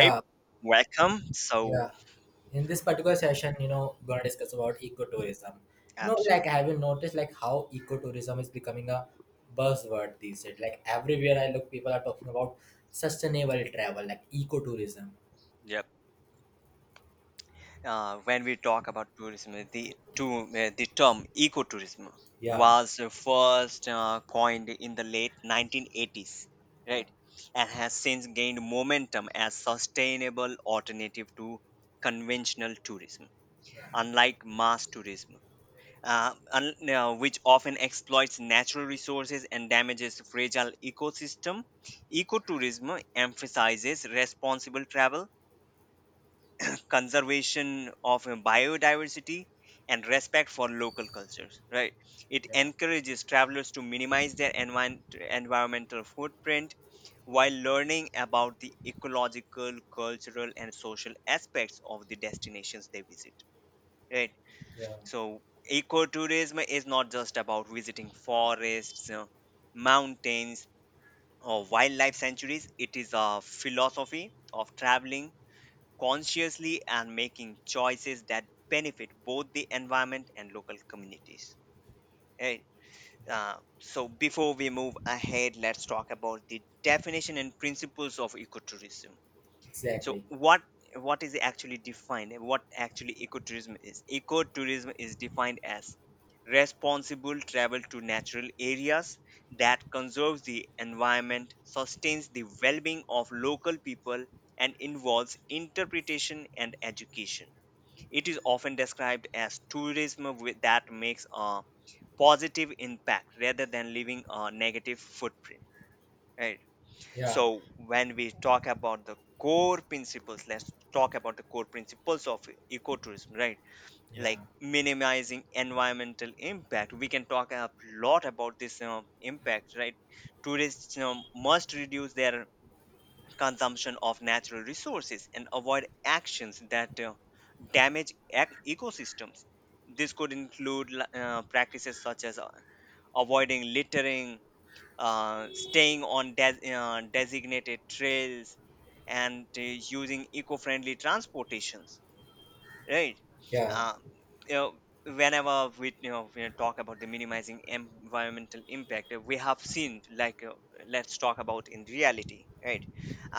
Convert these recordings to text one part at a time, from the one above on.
Hey, welcome. So, yeah. In this particular session, gonna discuss about ecotourism. You know, absolutely. like have you noticed like how ecotourism is becoming a buzzword these days? Like everywhere I look, people are talking about sustainable travel, like ecotourism. Yep. When we talk about tourism, the term ecotourism Yeah, was first coined in the late 1980s, yeah, right? And has since gained momentum as sustainable alternative to conventional tourism. Unlike mass tourism, which often exploits natural resources and damages fragile ecosystem. Ecotourism emphasizes responsible travel, conservation of biodiversity, and respect for local cultures. Right? It yeah, encourages travelers to minimize their environmental footprint while learning about the ecological, cultural, and social aspects of the destinations they visit. Right? yeah, So ecotourism is not just about visiting forests, mountains, or wildlife sanctuaries. It is a philosophy of traveling consciously and making choices that benefit both the environment and local communities. Right? yeah. So before we move ahead, let's talk about the definition and principles of ecotourism. So Exactly. what is actually defined and what actually ecotourism is. Ecotourism is defined as responsible travel to natural areas that conserves the environment, sustains the well-being of local people, and involves interpretation and education. It is often described as tourism with, that makes a positive impact rather than leaving a negative footprint, right? So Yeah, when we talk about the core principles, let's talk about the core principles of ecotourism, right? yeah, Like minimizing environmental impact. We can talk a lot about this impact, right? Tourists must reduce their consumption of natural resources and avoid actions that damage ecosystems. This could include practices such as avoiding littering, staying on designated trails and using eco-friendly transportations, right? yeah, Um, you know, Whenever we we talk about the minimizing environmental impact, we have seen like let's talk about in reality, right?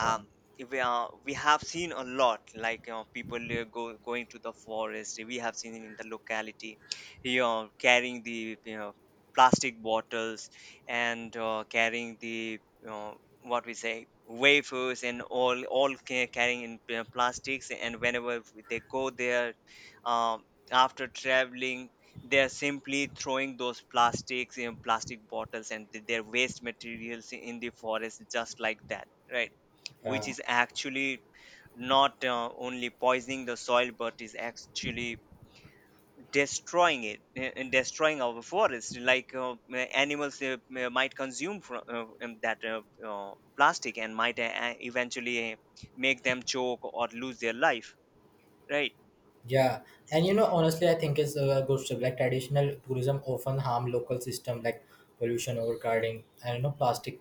yeah, if we have seen a lot like you know, people go going to the forest. We have seen in the locality, you know, carrying the you know plastic bottles and carrying the you know, what we say wafers and all carrying in plastics, and whenever they go there um, after traveling they are simply throwing those plastics in plastic bottles and their waste materials in the forest just like that, right? yeah. Which is actually not only poisoning the soil but is actually destroying it, and destroying our forest. Like animals might consume from that plastic and might eventually make them choke or lose their life, right? Yeah, and honestly, I think it's a good step. Like traditional tourism often harm local system like pollution, overcrowding, and plastic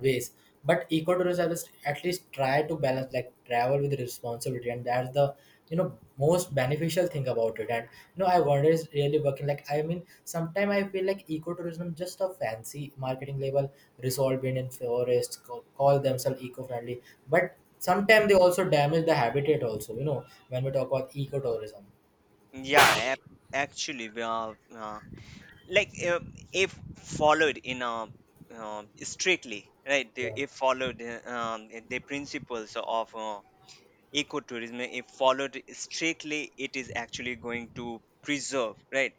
waste. But ecotourism is at least try to balance like travel with responsibility, and that's the most beneficial thing about it. And I wonder is really working. Like I mean, sometimes I feel like ecotourism just a fancy marketing label, resolved in forests, call themselves eco-friendly, but sometimes they also damage the habitat also, when we talk about ecotourism. Yeah, actually like uh, if followed in a strictly, right? They, Yeah. if followed, the principles of ecotourism, if followed strictly, it is actually going to preserve, right?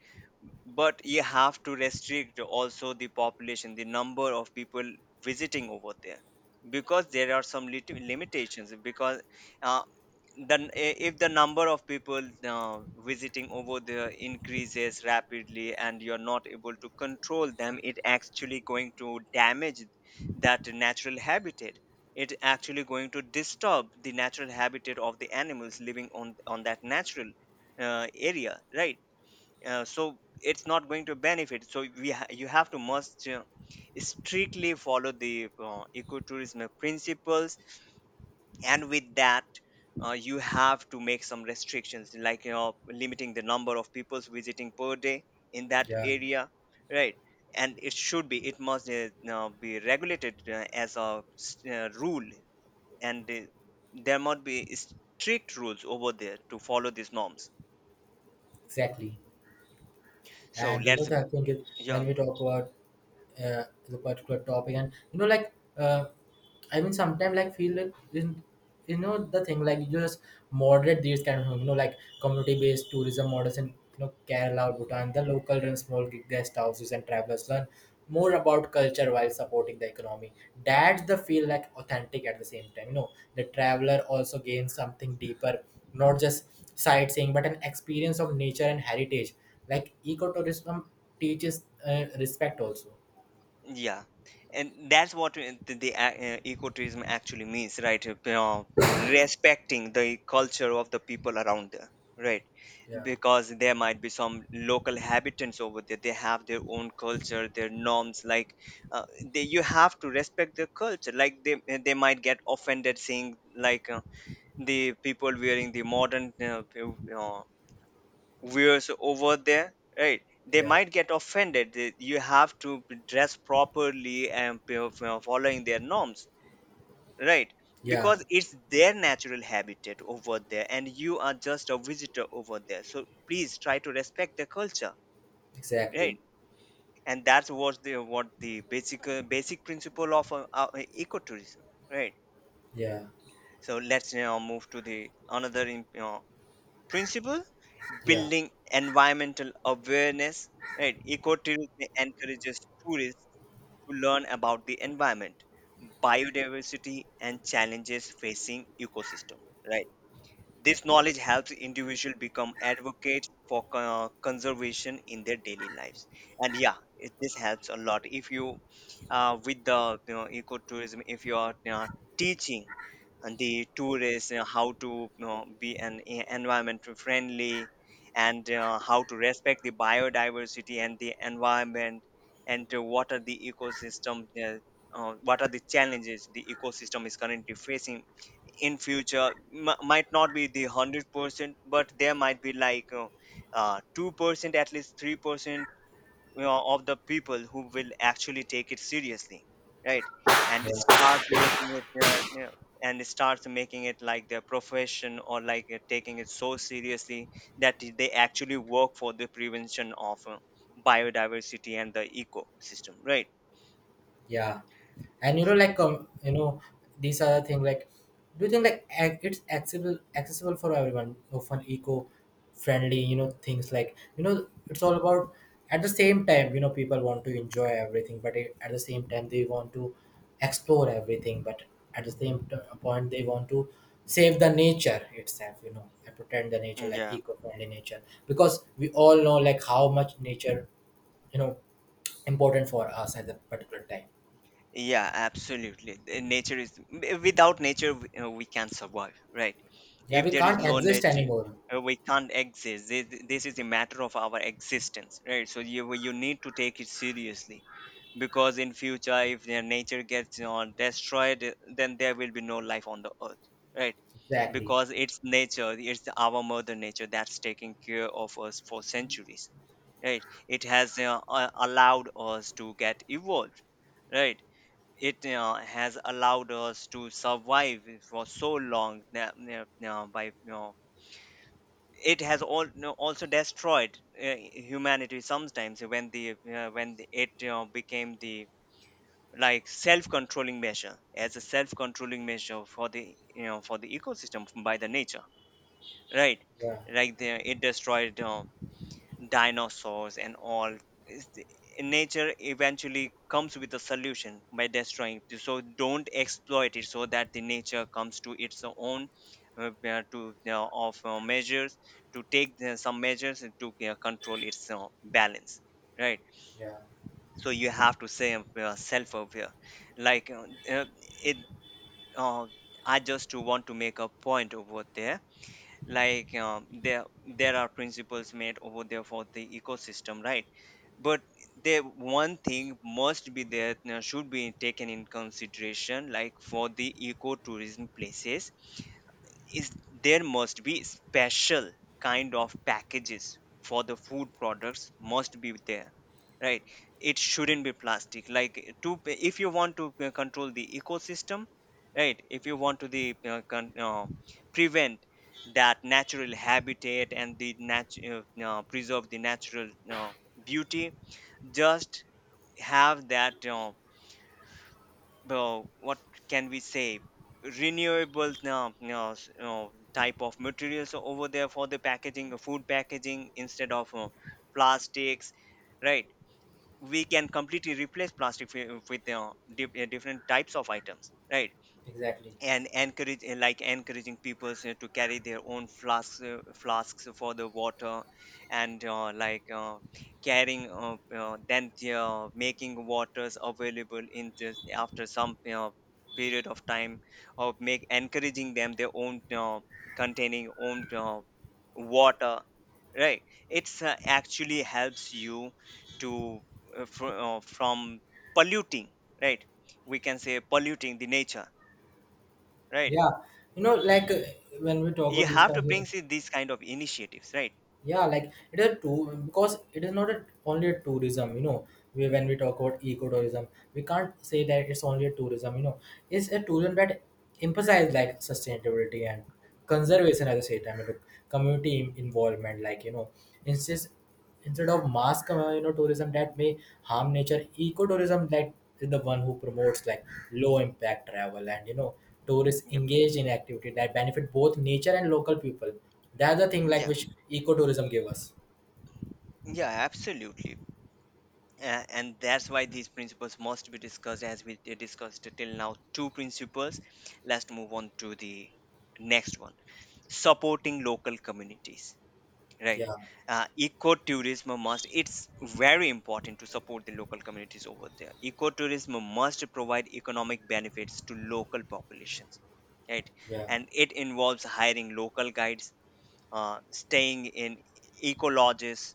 But you have to restrict also the population, the number of people visiting over there, because there are some limitations. Because uh, then i- if the number of people visiting over there increases rapidly and you're not able to control them, it actually going to damage that natural habitat. It actually going to disturb the natural habitat of the animals living on that natural area, right? So it's not going to benefit. So you have to must strictly follow the ecotourism principles, and with that you have to make some restrictions, like you know, limiting the number of peoples visiting per day in that Yeah, area, right? And it should be, it must now be regulated as a rule, and there must be strict rules over there to follow these norms. exactly. So And the thing is, yeah. when we talk about the particular topic and like uh, I mean sometimes like feel it in the thing like you just moderate these kind of like community based tourism models in Kerala or Bhutan, the local run small guest houses and travelers learn more about culture while supporting the economy. That's the feel like authentic at the same time, the traveler also gains something deeper, not just sightseeing but an experience of nature and heritage, like ecotourism teaches respect also. Yeah, and that's what ecotourism actually means, right? Respecting the culture of the people around there, right? Yeah, Because there might be some local habitants over there. They have their own culture, their norms. Like, uh, you have to respect their culture. Like they might get offended seeing like the people wearing the modern uh, wears over there, right? They yeah, might get offended. You have to dress properly and following their norms, right? yeah, Because it's their natural habitat over there and you are just a visitor over there, so please try to respect the culture, exactly. right? And that's what the basic basic principle of ecotourism, right? Yeah, So let's now move to the another principle, yeah, building environmental awareness, right? Ecotourism encourages tourists to learn about the environment, biodiversity, and challenges facing ecosystem, right? This knowledge helps individual become advocates for conservation in their daily lives. And yeah it, this helps a lot if you with the you know ecotourism, if you are you know, teaching and the tourists how to you know, be an environment friendly, and how to respect the biodiversity and the environment, and what are the ecosystem what are the challenges the ecosystem is currently facing in future. M might not be the 100%, but there might be like uh, 2%, at least 3%, you know, of the people who will actually take it seriously, right? And they yeah. start making it you know, and starts making it like their profession, or like taking it so seriously that they actually work for the prevention of biodiversity and the ecosystem, right? Yeah, and like these are the thing. Like, do you think like it's accessible for everyone? Of an eco friendly, things like it's all about. At the same time, people want to enjoy everything, but at the same time, they want to explore everything. But at the same point, they want to save the nature itself, and protect the nature, like Yeah. eco-friendly nature, because we all know like how much nature, you know, important for us at a particular time. Yeah, absolutely. Nature is without nature, we can't survive, right? Yeah, If we there is can't no exist nature, anymore. We can't exist. This is a matter of our existence, right? So you need to take it seriously, because in future, if their nature gets you know, destroyed, then there will be no life on the earth, right? Exactly. Because it's nature, it's our mother nature that's taking care of us for centuries, right? It has allowed us to get evolved, right? It has allowed us to survive for so long. Now, now, now by you know, it has all, you know, also destroyed humanity sometimes when the it you know, became the like self-controlling measure, as a self-controlling measure for the you know for the ecosystem by the nature, right? Yeah, Like it destroyed dinosaurs and all. is the- Nature eventually comes with a solution by destroying it, so don't exploit it, so that the nature comes to its own to of measures, to take the, some measures, and to control its balance, right? yeah, So you have to say self-aware, like uh, it uh, I just want to make a point over there. Like there are principles made over there for the ecosystem, right? But there one thing must be there, should be taken in consideration, like for the ecotourism places, is there must be special kind of packages for the food products must be there, right? It shouldn't be plastic, like to if you want to control the ecosystem, right? If you want to prevent that natural habitat, and the preserve the natural beauty, just have that well, what can we say? Renewable, type of materials over there for the packaging, food packaging instead of plastics, right? We can completely replace plastic with different types of items, right? exactly. And encourage like encouraging people to carry their own flasks, flasks for the water, and carrying then they are making waters available in this after some period of time, of make encouraging them their own containing own water, right? It's actually helps you to from polluting, right? We can say polluting the nature, right? Yeah, like when we talk You about these have kind to of, bring see, these kind of initiatives, right? yeah, like it is too because it is not only a tourism. When we talk about ecotourism, we can't say that it's only a tourism. It's a tourism that emphasizes like sustainability and conservation at the same time, and the community involvement. Like instead. Instead of mass tourism that may harm nature, ecotourism like is the one who promotes like low impact travel, and tourists Yep. engaged in activity that benefit both nature and local people. That's the thing like Yeah, which ecotourism gave us. yeah, absolutely. And that's why these principles must be discussed. As we discussed till now, two principles, let's move on to the next one: supporting local communities, right? Yeah, Ecotourism must, it's very important to support the local communities over there. Ecotourism must provide economic benefits to local populations, right? yeah, And it involves hiring local guides, staying in eco lodges,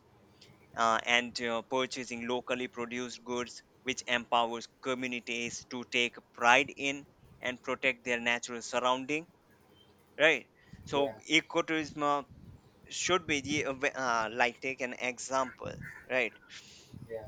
and purchasing locally produced goods, which empowers communities to take pride in and protect their natural surrounding. Right. So yeah, ecotourism should be the, like take an example, right? yeah,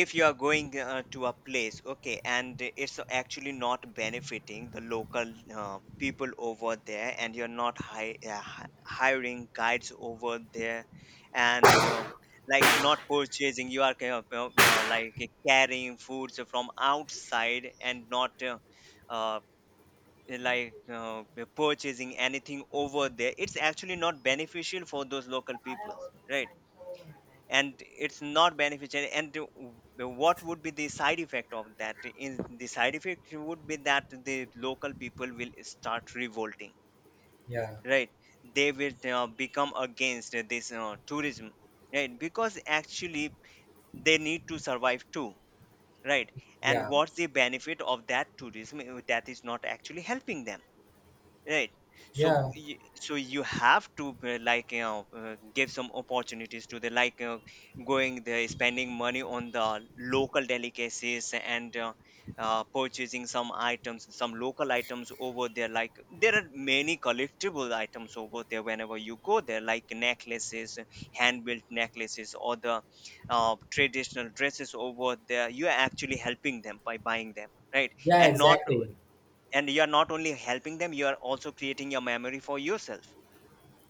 If you are going to a place, okay, and it's actually not benefiting the local people over there, and you're not hiring guides over there, and like not purchasing, you are kind of, like carrying foods from outside and not uh, like purchasing anything over there, it's actually not beneficial for those local people, right? And it's not beneficial. And what would be the side effect of that in The side effect would be that the local people will start revolting, yeah, right? They will become against this tourism, right? Because actually they need to survive too, right? And yeah, what's the benefit of that tourism that is not actually helping them, right? So yeah, so you have to, like, you know, give some opportunities to the, like, going there, spending money on the local delicacies, and purchasing some items, some local items over there. Like there are many collectible items over there whenever you go there, like necklaces, hand built necklaces, or the traditional dresses over there. You are actually helping them by buying them, right? yeah, And not, exactly. and you are not only helping them, you are also creating your memory for yourself.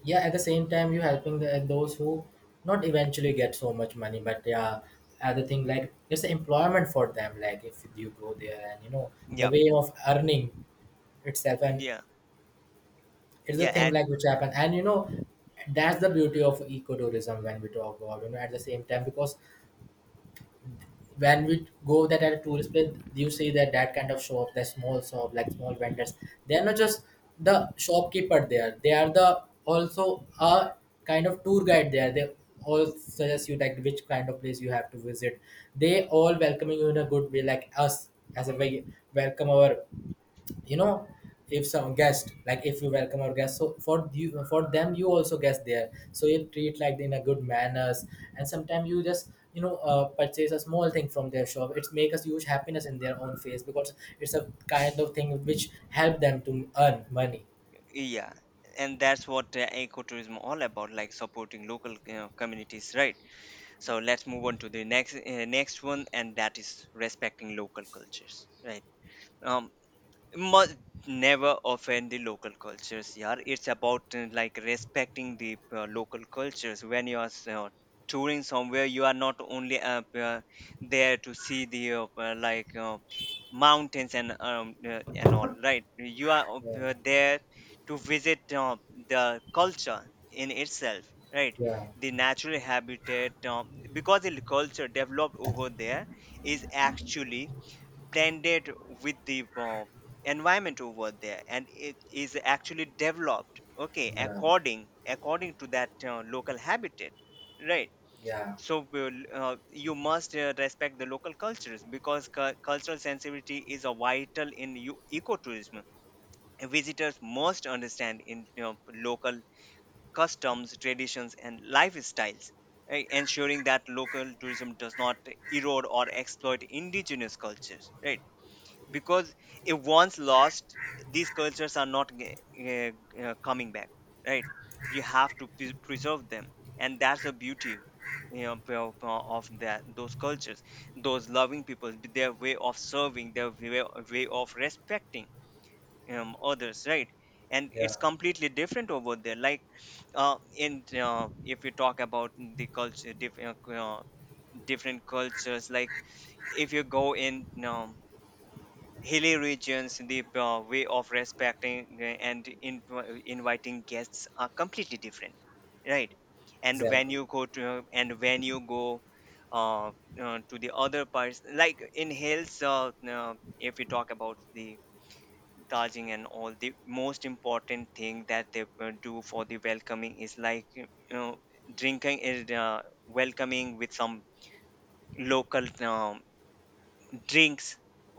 Yeah, at the same time you helping those who not eventually get so much money, but yeah, other thing like it's employment for them, like if you go there and the Yep. way of earning itself. And Yeah. it's the yeah thing at, like which happen, and that's the beauty of ecotourism when we talk about, at the same time, because when we go that at a tourist place, you see that that kind of shop, the small shop, like small vendors. They are not just the shopkeeper there. They are the also a kind of tour guide there. They all suggest you like which kind of place you have to visit. They all welcoming you in a good way, like us, as a way welcome our, you know if some guest, like if you welcome our guest, so for you, for them, you also guest there, so you treat like in a good manners. And sometimes you just purchase a small thing from their shop, it's make us huge happiness in their own face because it's a kind of thing which help them to earn money. yeah. And that's what ecotourism all about, like supporting local you communities, right? So let's move on to the next next one, and that is respecting local cultures, right? Um, must never offend the local cultures. Yeah, it's about, like, respecting the local cultures. When you are touring somewhere, you are not only there to see the like mountains and all, right? You are Yeah, there to visit the culture in itself, right? yeah, The natural habitat. Um, because the culture developed over there is actually blended with the environment over there, and it is actually developed, okay, yeah, according to that local habitat, right? yeah, So you must respect the local cultures, because cultural sensitivity is a vital in ecotourism. Visitors must understand in, you know, local customs, traditions, and lifestyles, right? Ensuring that local tourism does not erode or exploit indigenous cultures, right? Because if once lost, these cultures are not coming back, right? You have to preserve them. And that's the beauty, you know, of that, those cultures, those loving people, their way of serving, way of respecting, others, right? And yeah, it's completely different over there. Like in if you talk about the different cultures, like if you go in, hilly regions, the way of respecting and inviting guests are completely different, right? Exactly, And when you go uh, to the other parts, like in hills, if we talk about the Darjeeling and all, the most important thing that they do for the welcoming is, like, you know, drinking is welcoming with some local, drinks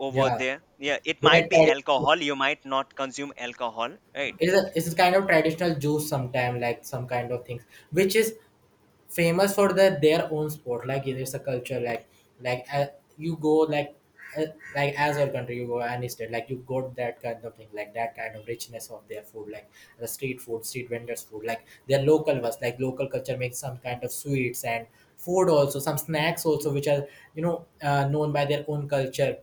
over yeah. there. Yeah, it they are might be tradi- alcohol, you might not consume alcohol, right? it's a, it's a kind of traditional juice sometime, like some kind of things which is famous for their own sport, like it's a culture like you go uh, like as our country you go and instead like you got that kind of thing, like that kind of richness of their food, like the street food, street vendors food, like their local was like local culture makes some kind of sweets and food, also some snacks also, which are known by their own culture.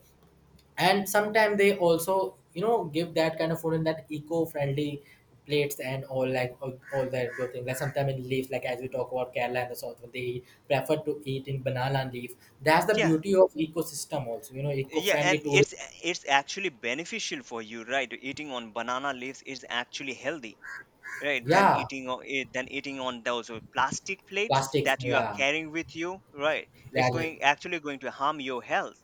And sometimes they also give that kind of food in that eco-friendly plates and all, like all that good thing, like sometimes in leaves, like as we talk about Kerala and the south, they prefer to eat in banana leaf. That's the Yeah. beauty of ecosystem also, Yeah, eco-friendly and tourism. it's actually beneficial for you, right? Eating on banana leaves is actually healthy, right, than Yeah, eating on eh, than eating on those plastic plates plastics, that you are yeah. carrying with you, right? It's That's it. going actually going to harm your health,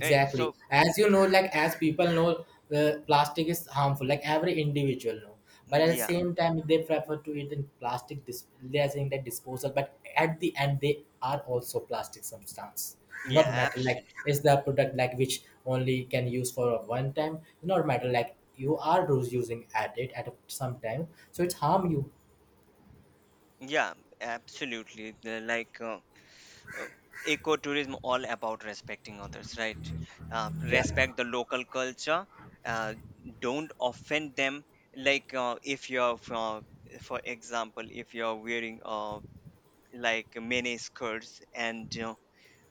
right? As you know, like as people know, plastic is harmful. Like every individual know, but at the Yeah. same time, they prefer to eat in plastic. They are saying that disposal, but at the end, they are also plastic substance, Yeah, not matter. Like absolutely. it's the product like which only can use for a one time. Not matter. Like you are those using at it at some time, so it's harm you. Yeah, absolutely. Like uh, ecotourism all about respecting others, right? Uh, Yeah. respect the local culture. Uh, don't offend them. Like, if you're for example, if you're wearing, like, mini skirts, and, you know,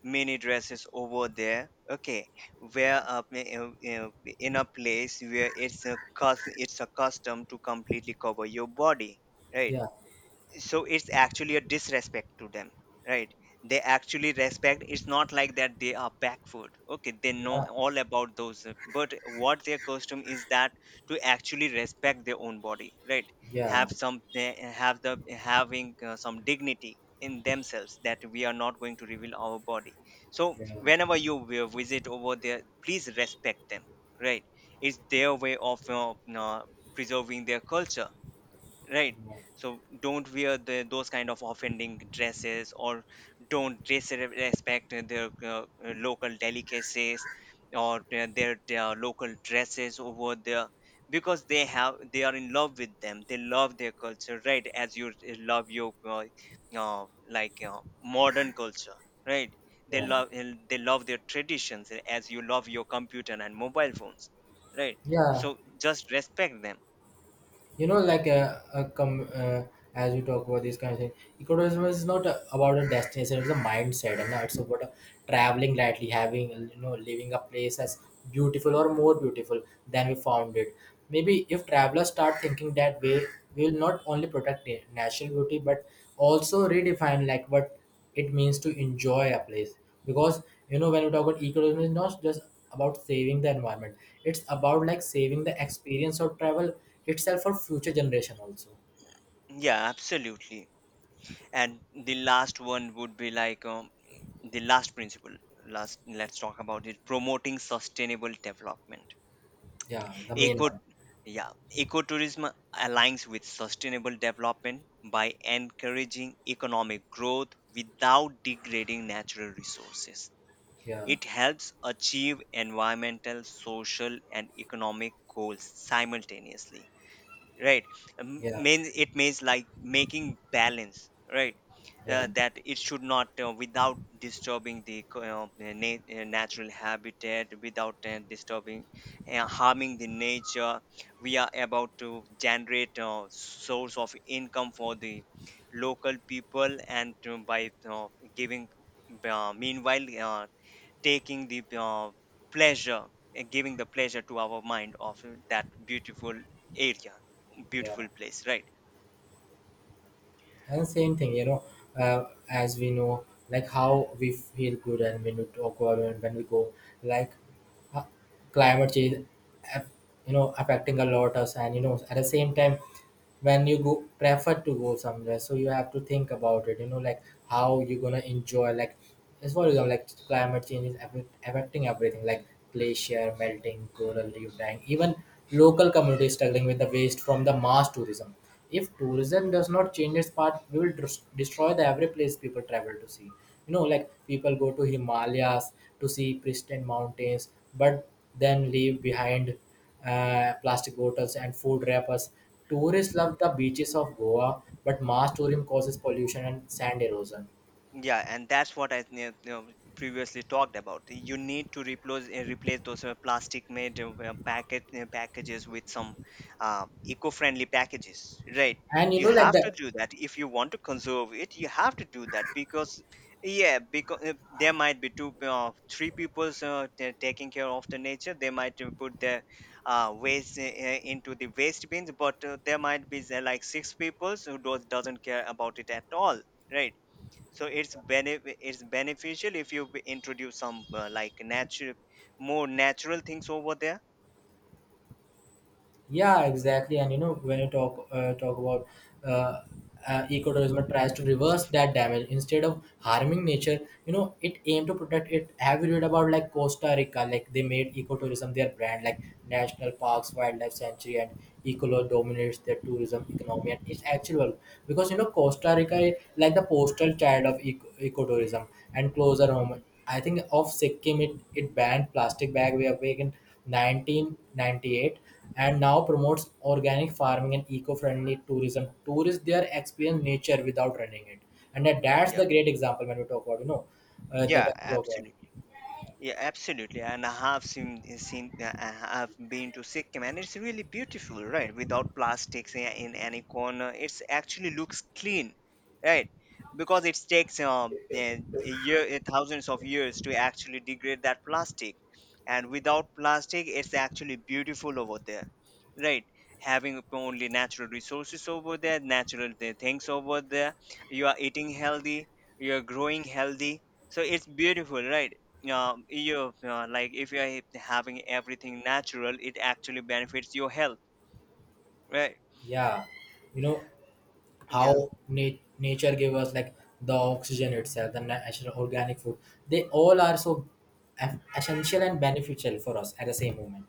mini dresses over there, okay, where Yeah. up in a place where it's a it's a custom to completely cover your body, right? Yeah. So it's actually a disrespect to them, right? They actually respect, it's not like that they are backward, okay, they know Yeah. all about those but what their custom is, that to actually respect their own body, right? Yeah. Have some, they have the having, some dignity in themselves, that we are not going to reveal our body. So Yeah. Yeah. whenever you will visit over there, please respect them, right? It's their way of preserving their culture, right? So don't wear those kind of offending dresses, or don't dress, respect their local delicacies, or their local dresses over there, because they have, they are in love with them, they love their culture, right? As you love your uh, like, modern culture, right? They Yeah. love, they love their traditions, as you love your computer and mobile phones, right? Yeah. So just respect them. you know like a, a com, uh, as you talk about this kind of thing, ecotourism is not about a destination, it's a mindset, and it's about traveling lightly, having, leaving a place as beautiful or more beautiful than we found it. Maybe if travelers start thinking that way, we will not only protect the natural beauty but also redefine like what it means to enjoy a place, because when we talk about ecotourism, it's not just about saving the environment, it's about like saving the experience of travel itself for future generation also. Yeah, absolutely. And the last one would be, like, the last principle, last, let's talk about it, promoting sustainable development. Yeah, the main Eco, one. yeah, ecotourism aligns with sustainable development by encouraging economic growth without degrading natural resources. Yeah, It helps achieve environmental, social, and economic goals simultaneously, right? Yeah, means, it means, like, making balance, right? yeah, Uh, that it should not, without disturbing the natural habitat, without disturbing, harming the nature, we are about to generate source of income for the local people, and by giving, meanwhile, taking the pleasure, and giving the pleasure to our mind of that beautiful area, yeah. beautiful place, right? And same thing, as we know, like how we feel good and when we talk about it, when we go, like uh, climate change, aff- affecting a lot us. And at the same time, when you go prefer to go somewhere, so you have to think about it, like how you're gonna enjoy, like as for example, like climate change is affecting everything, like glacier melting, coral reef dying, even local communities struggling with the waste from the mass tourism. If tourism does not change its part, we will destroy the every place people travel to see. Like people go to Himalayas to see pristine mountains, but then leave behind plastic bottles and food wrappers. Tourists love the beaches of Goa, but mass tourism causes pollution and sand erosion. Yeah, and that's what I, you know, previously talked about. You need to replace, those plastic made packet packages with some eco-friendly packages, right? And You like have to the. do that if you want to conserve it. You have to do that, because yeah, because there might be two three people's taking care of the nature. They might put their waste into the waste bins, but there might be, like, six people's who doesn't care about it at all, right? So it's beneficial if you introduce some, like, natural, more natural things over there. Yeah, exactly. And when you talk about uh, ecotourism, it tries to reverse that damage instead of harming nature. It aimed to protect it. Have you read about like Costa Rica? Like they made ecotourism their brand, like national parks, wildlife sanctuary, and ecolo dominates their tourism economy. And it's actual, because Costa Rica is like the postal child of ecotourism, and closer home Mhm. I think of Sikkim. It banned plastic bag way of wagon 1998 and now promotes organic farming and eco-friendly tourism, tourists there experience nature without running it. And that, Mm, that's the yeah. great example when we talk about, the Yeah, when we talk about. absolutely. Yeah, absolutely. And I have seen I have been to Sikkim, and it's really beautiful, right? Without plastics in any corner, it's actually looks clean, right? Because it takes, thousands of years to actually degrade that plastic, and without plastic, it's actually beautiful over there, right? Having only natural resources over there, natural things over there, you are eating healthy, you are growing healthy, so it's beautiful, right? Um, you like, if you are having everything natural, it actually benefits your health, right? Yeah, you know Yeah. how nature gave us, like, the oxygen itself, the natural organic food, they all are so essential and beneficial for us at the same moment.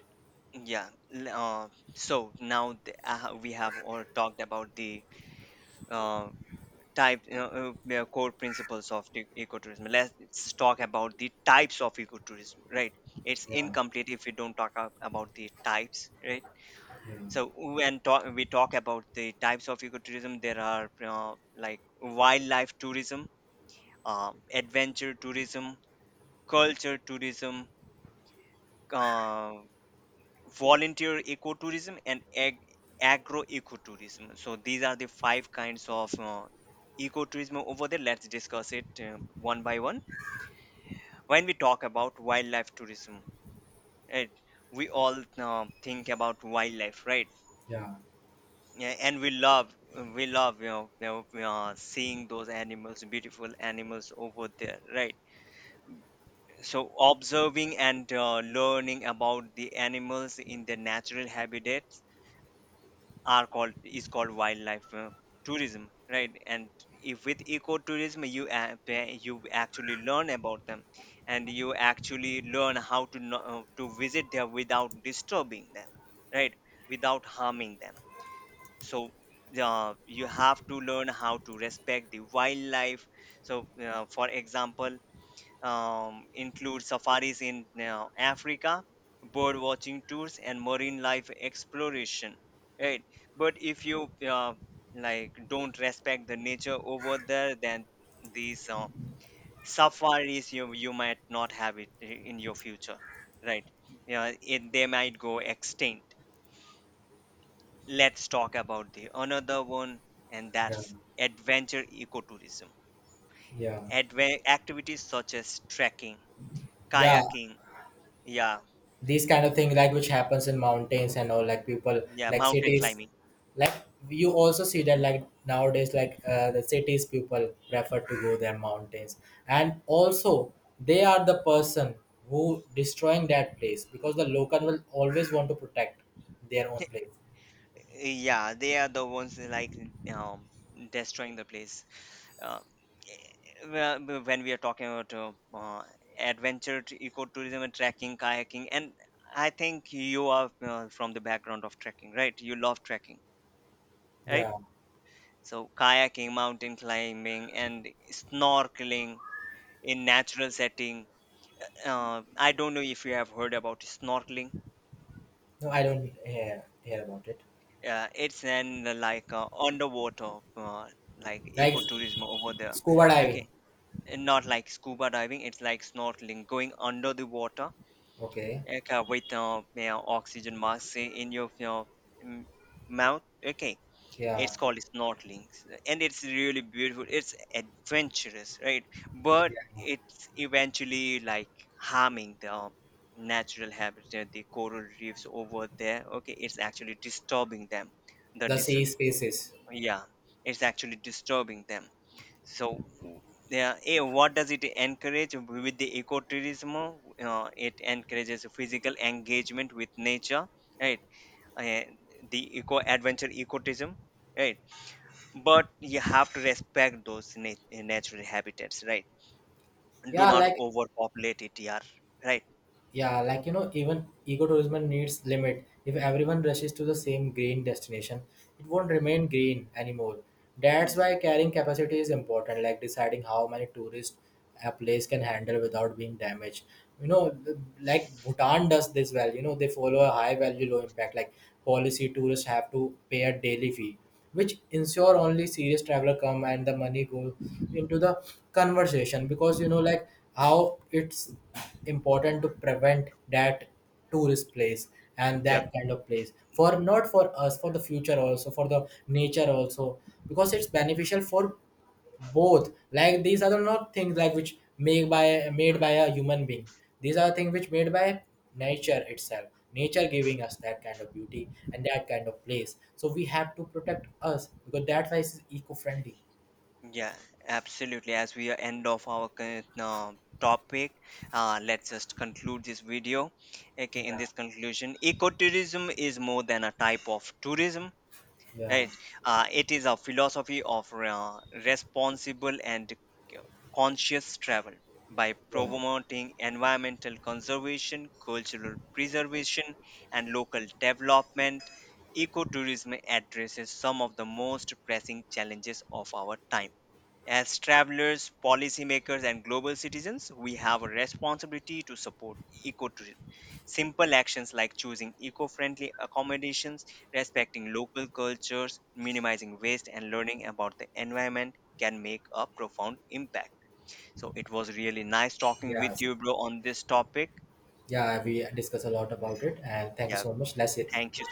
yeah L- uh, so now we have all talked about the uh, type, you know, the core principles of the ecotourism. Let's talk about the types of ecotourism, right? It's Yeah, incomplete if we don't talk about the types, right? yeah, So when we talk about the types of ecotourism, there are, like, wildlife tourism, adventure tourism, culture tourism, uh, volunteer ecotourism, and agro ecotourism. So these are the five kinds of ecotourism over there. Let's discuss it one by one. When we talk about wildlife tourism, right? We all think about wildlife, right? yeah, Yeah, and we love, you know, seeing those animals, beautiful animals over there, right? So observing and learning about the animals in their natural habitats are called is called wildlife tourism, right? And if with ecotourism, you actually learn about them, and you actually learn how to to visit there without disturbing them, right? Without harming them. So you have to learn how to respect the wildlife. So for example, include safaris in, Africa, bird watching tours, and marine life exploration. Right, but if you like, don't respect the nature over there, then these safaris, you might not have it in your future, right? Yeah, they might go extinct. Let's talk about the another one, and yeah, that's adventure ecotourism. yeah. Activities such as trekking, Yeah, kayaking, yeah. these kind of thing like which happens in mountains and all, like people, Yeah, like mountain cities, climbing. like, you also see that, like nowadays, like the cities people prefer to go their mountains, and also they are the person who destroying that place, because the local will always want to protect their own Th- place. Yeah, they are the ones that, like, um, destroying the place. Uh, well, when we are talking about adventure, ecotourism, and trekking, kayaking, and I think you are, from the background of trekking, right? You love trekking, right? Yeah, So kayaking, mountain climbing, and snorkeling in natural setting. I don't know if you have heard about snorkeling. no, I don't hear about it. Yeah, it's an like, underwater like Like ecotourism over there. scuba diving. Okay, and not like scuba diving. It's like snorkeling, going under the water, Okay. okay, with, yeah, oxygen mask in your, mm, mouth. Okay, Yeah, it's called snorkeling, and it's really beautiful. It's adventurous, right? But yeah, it's eventually like harming the, natural habitat, the coral reefs over there. Okay, it's actually disturbing them, the the dis- sea spaces, yeah, it's actually disturbing them. So, yeah, what does it encourage with the ecotourism? It encourages physical engagement with nature, right? Eh, the eco adventure ecotourism, right? But you have to respect those natural habitats, right? Do yeah, not like. overpopulate it, yeah, right? Yeah, like even ecotourism needs limit. If everyone rushes to the same green destination, it won't remain green anymore. That's Mm. why carrying capacity is important, like deciding how many tourists a place can handle without being damaged. Like Bhutan does this well. They follow a high value, low impact like policy. Tourists have to pay a daily fee which ensure only serious traveler come and the money go into the conversation, because like how it's important to prevent that tourist place and Yeah. that kind of place for not for us, for the future also, for the nature also, because it's beneficial for both, like these are not things like which made by a human being. These are things which made by nature itself, nature giving us that kind of beauty and that kind of place, so we have to protect us because that why is eco-friendly. Yeah, absolutely. As we are end of our topic, let's just conclude this video. Okay, in Yeah, this conclusion, ecotourism is more than a type of tourism, yeah, right? It is a philosophy of responsible and conscious travel, by yeah, promoting environmental conservation, cultural preservation, and local development. Ecotourism addresses some of the most pressing challenges of our time. As travelers, policymakers, and global citizens, we have a responsibility to support ecotourism. Simple actions like choosing eco friendly accommodations, respecting local cultures, minimizing waste, and learning about the environment can make a profound impact. So, it was really nice talking with yes, you, bro, on this topic. yeah, we discuss a lot about it and thank you Yeah, so much. Let's thank you so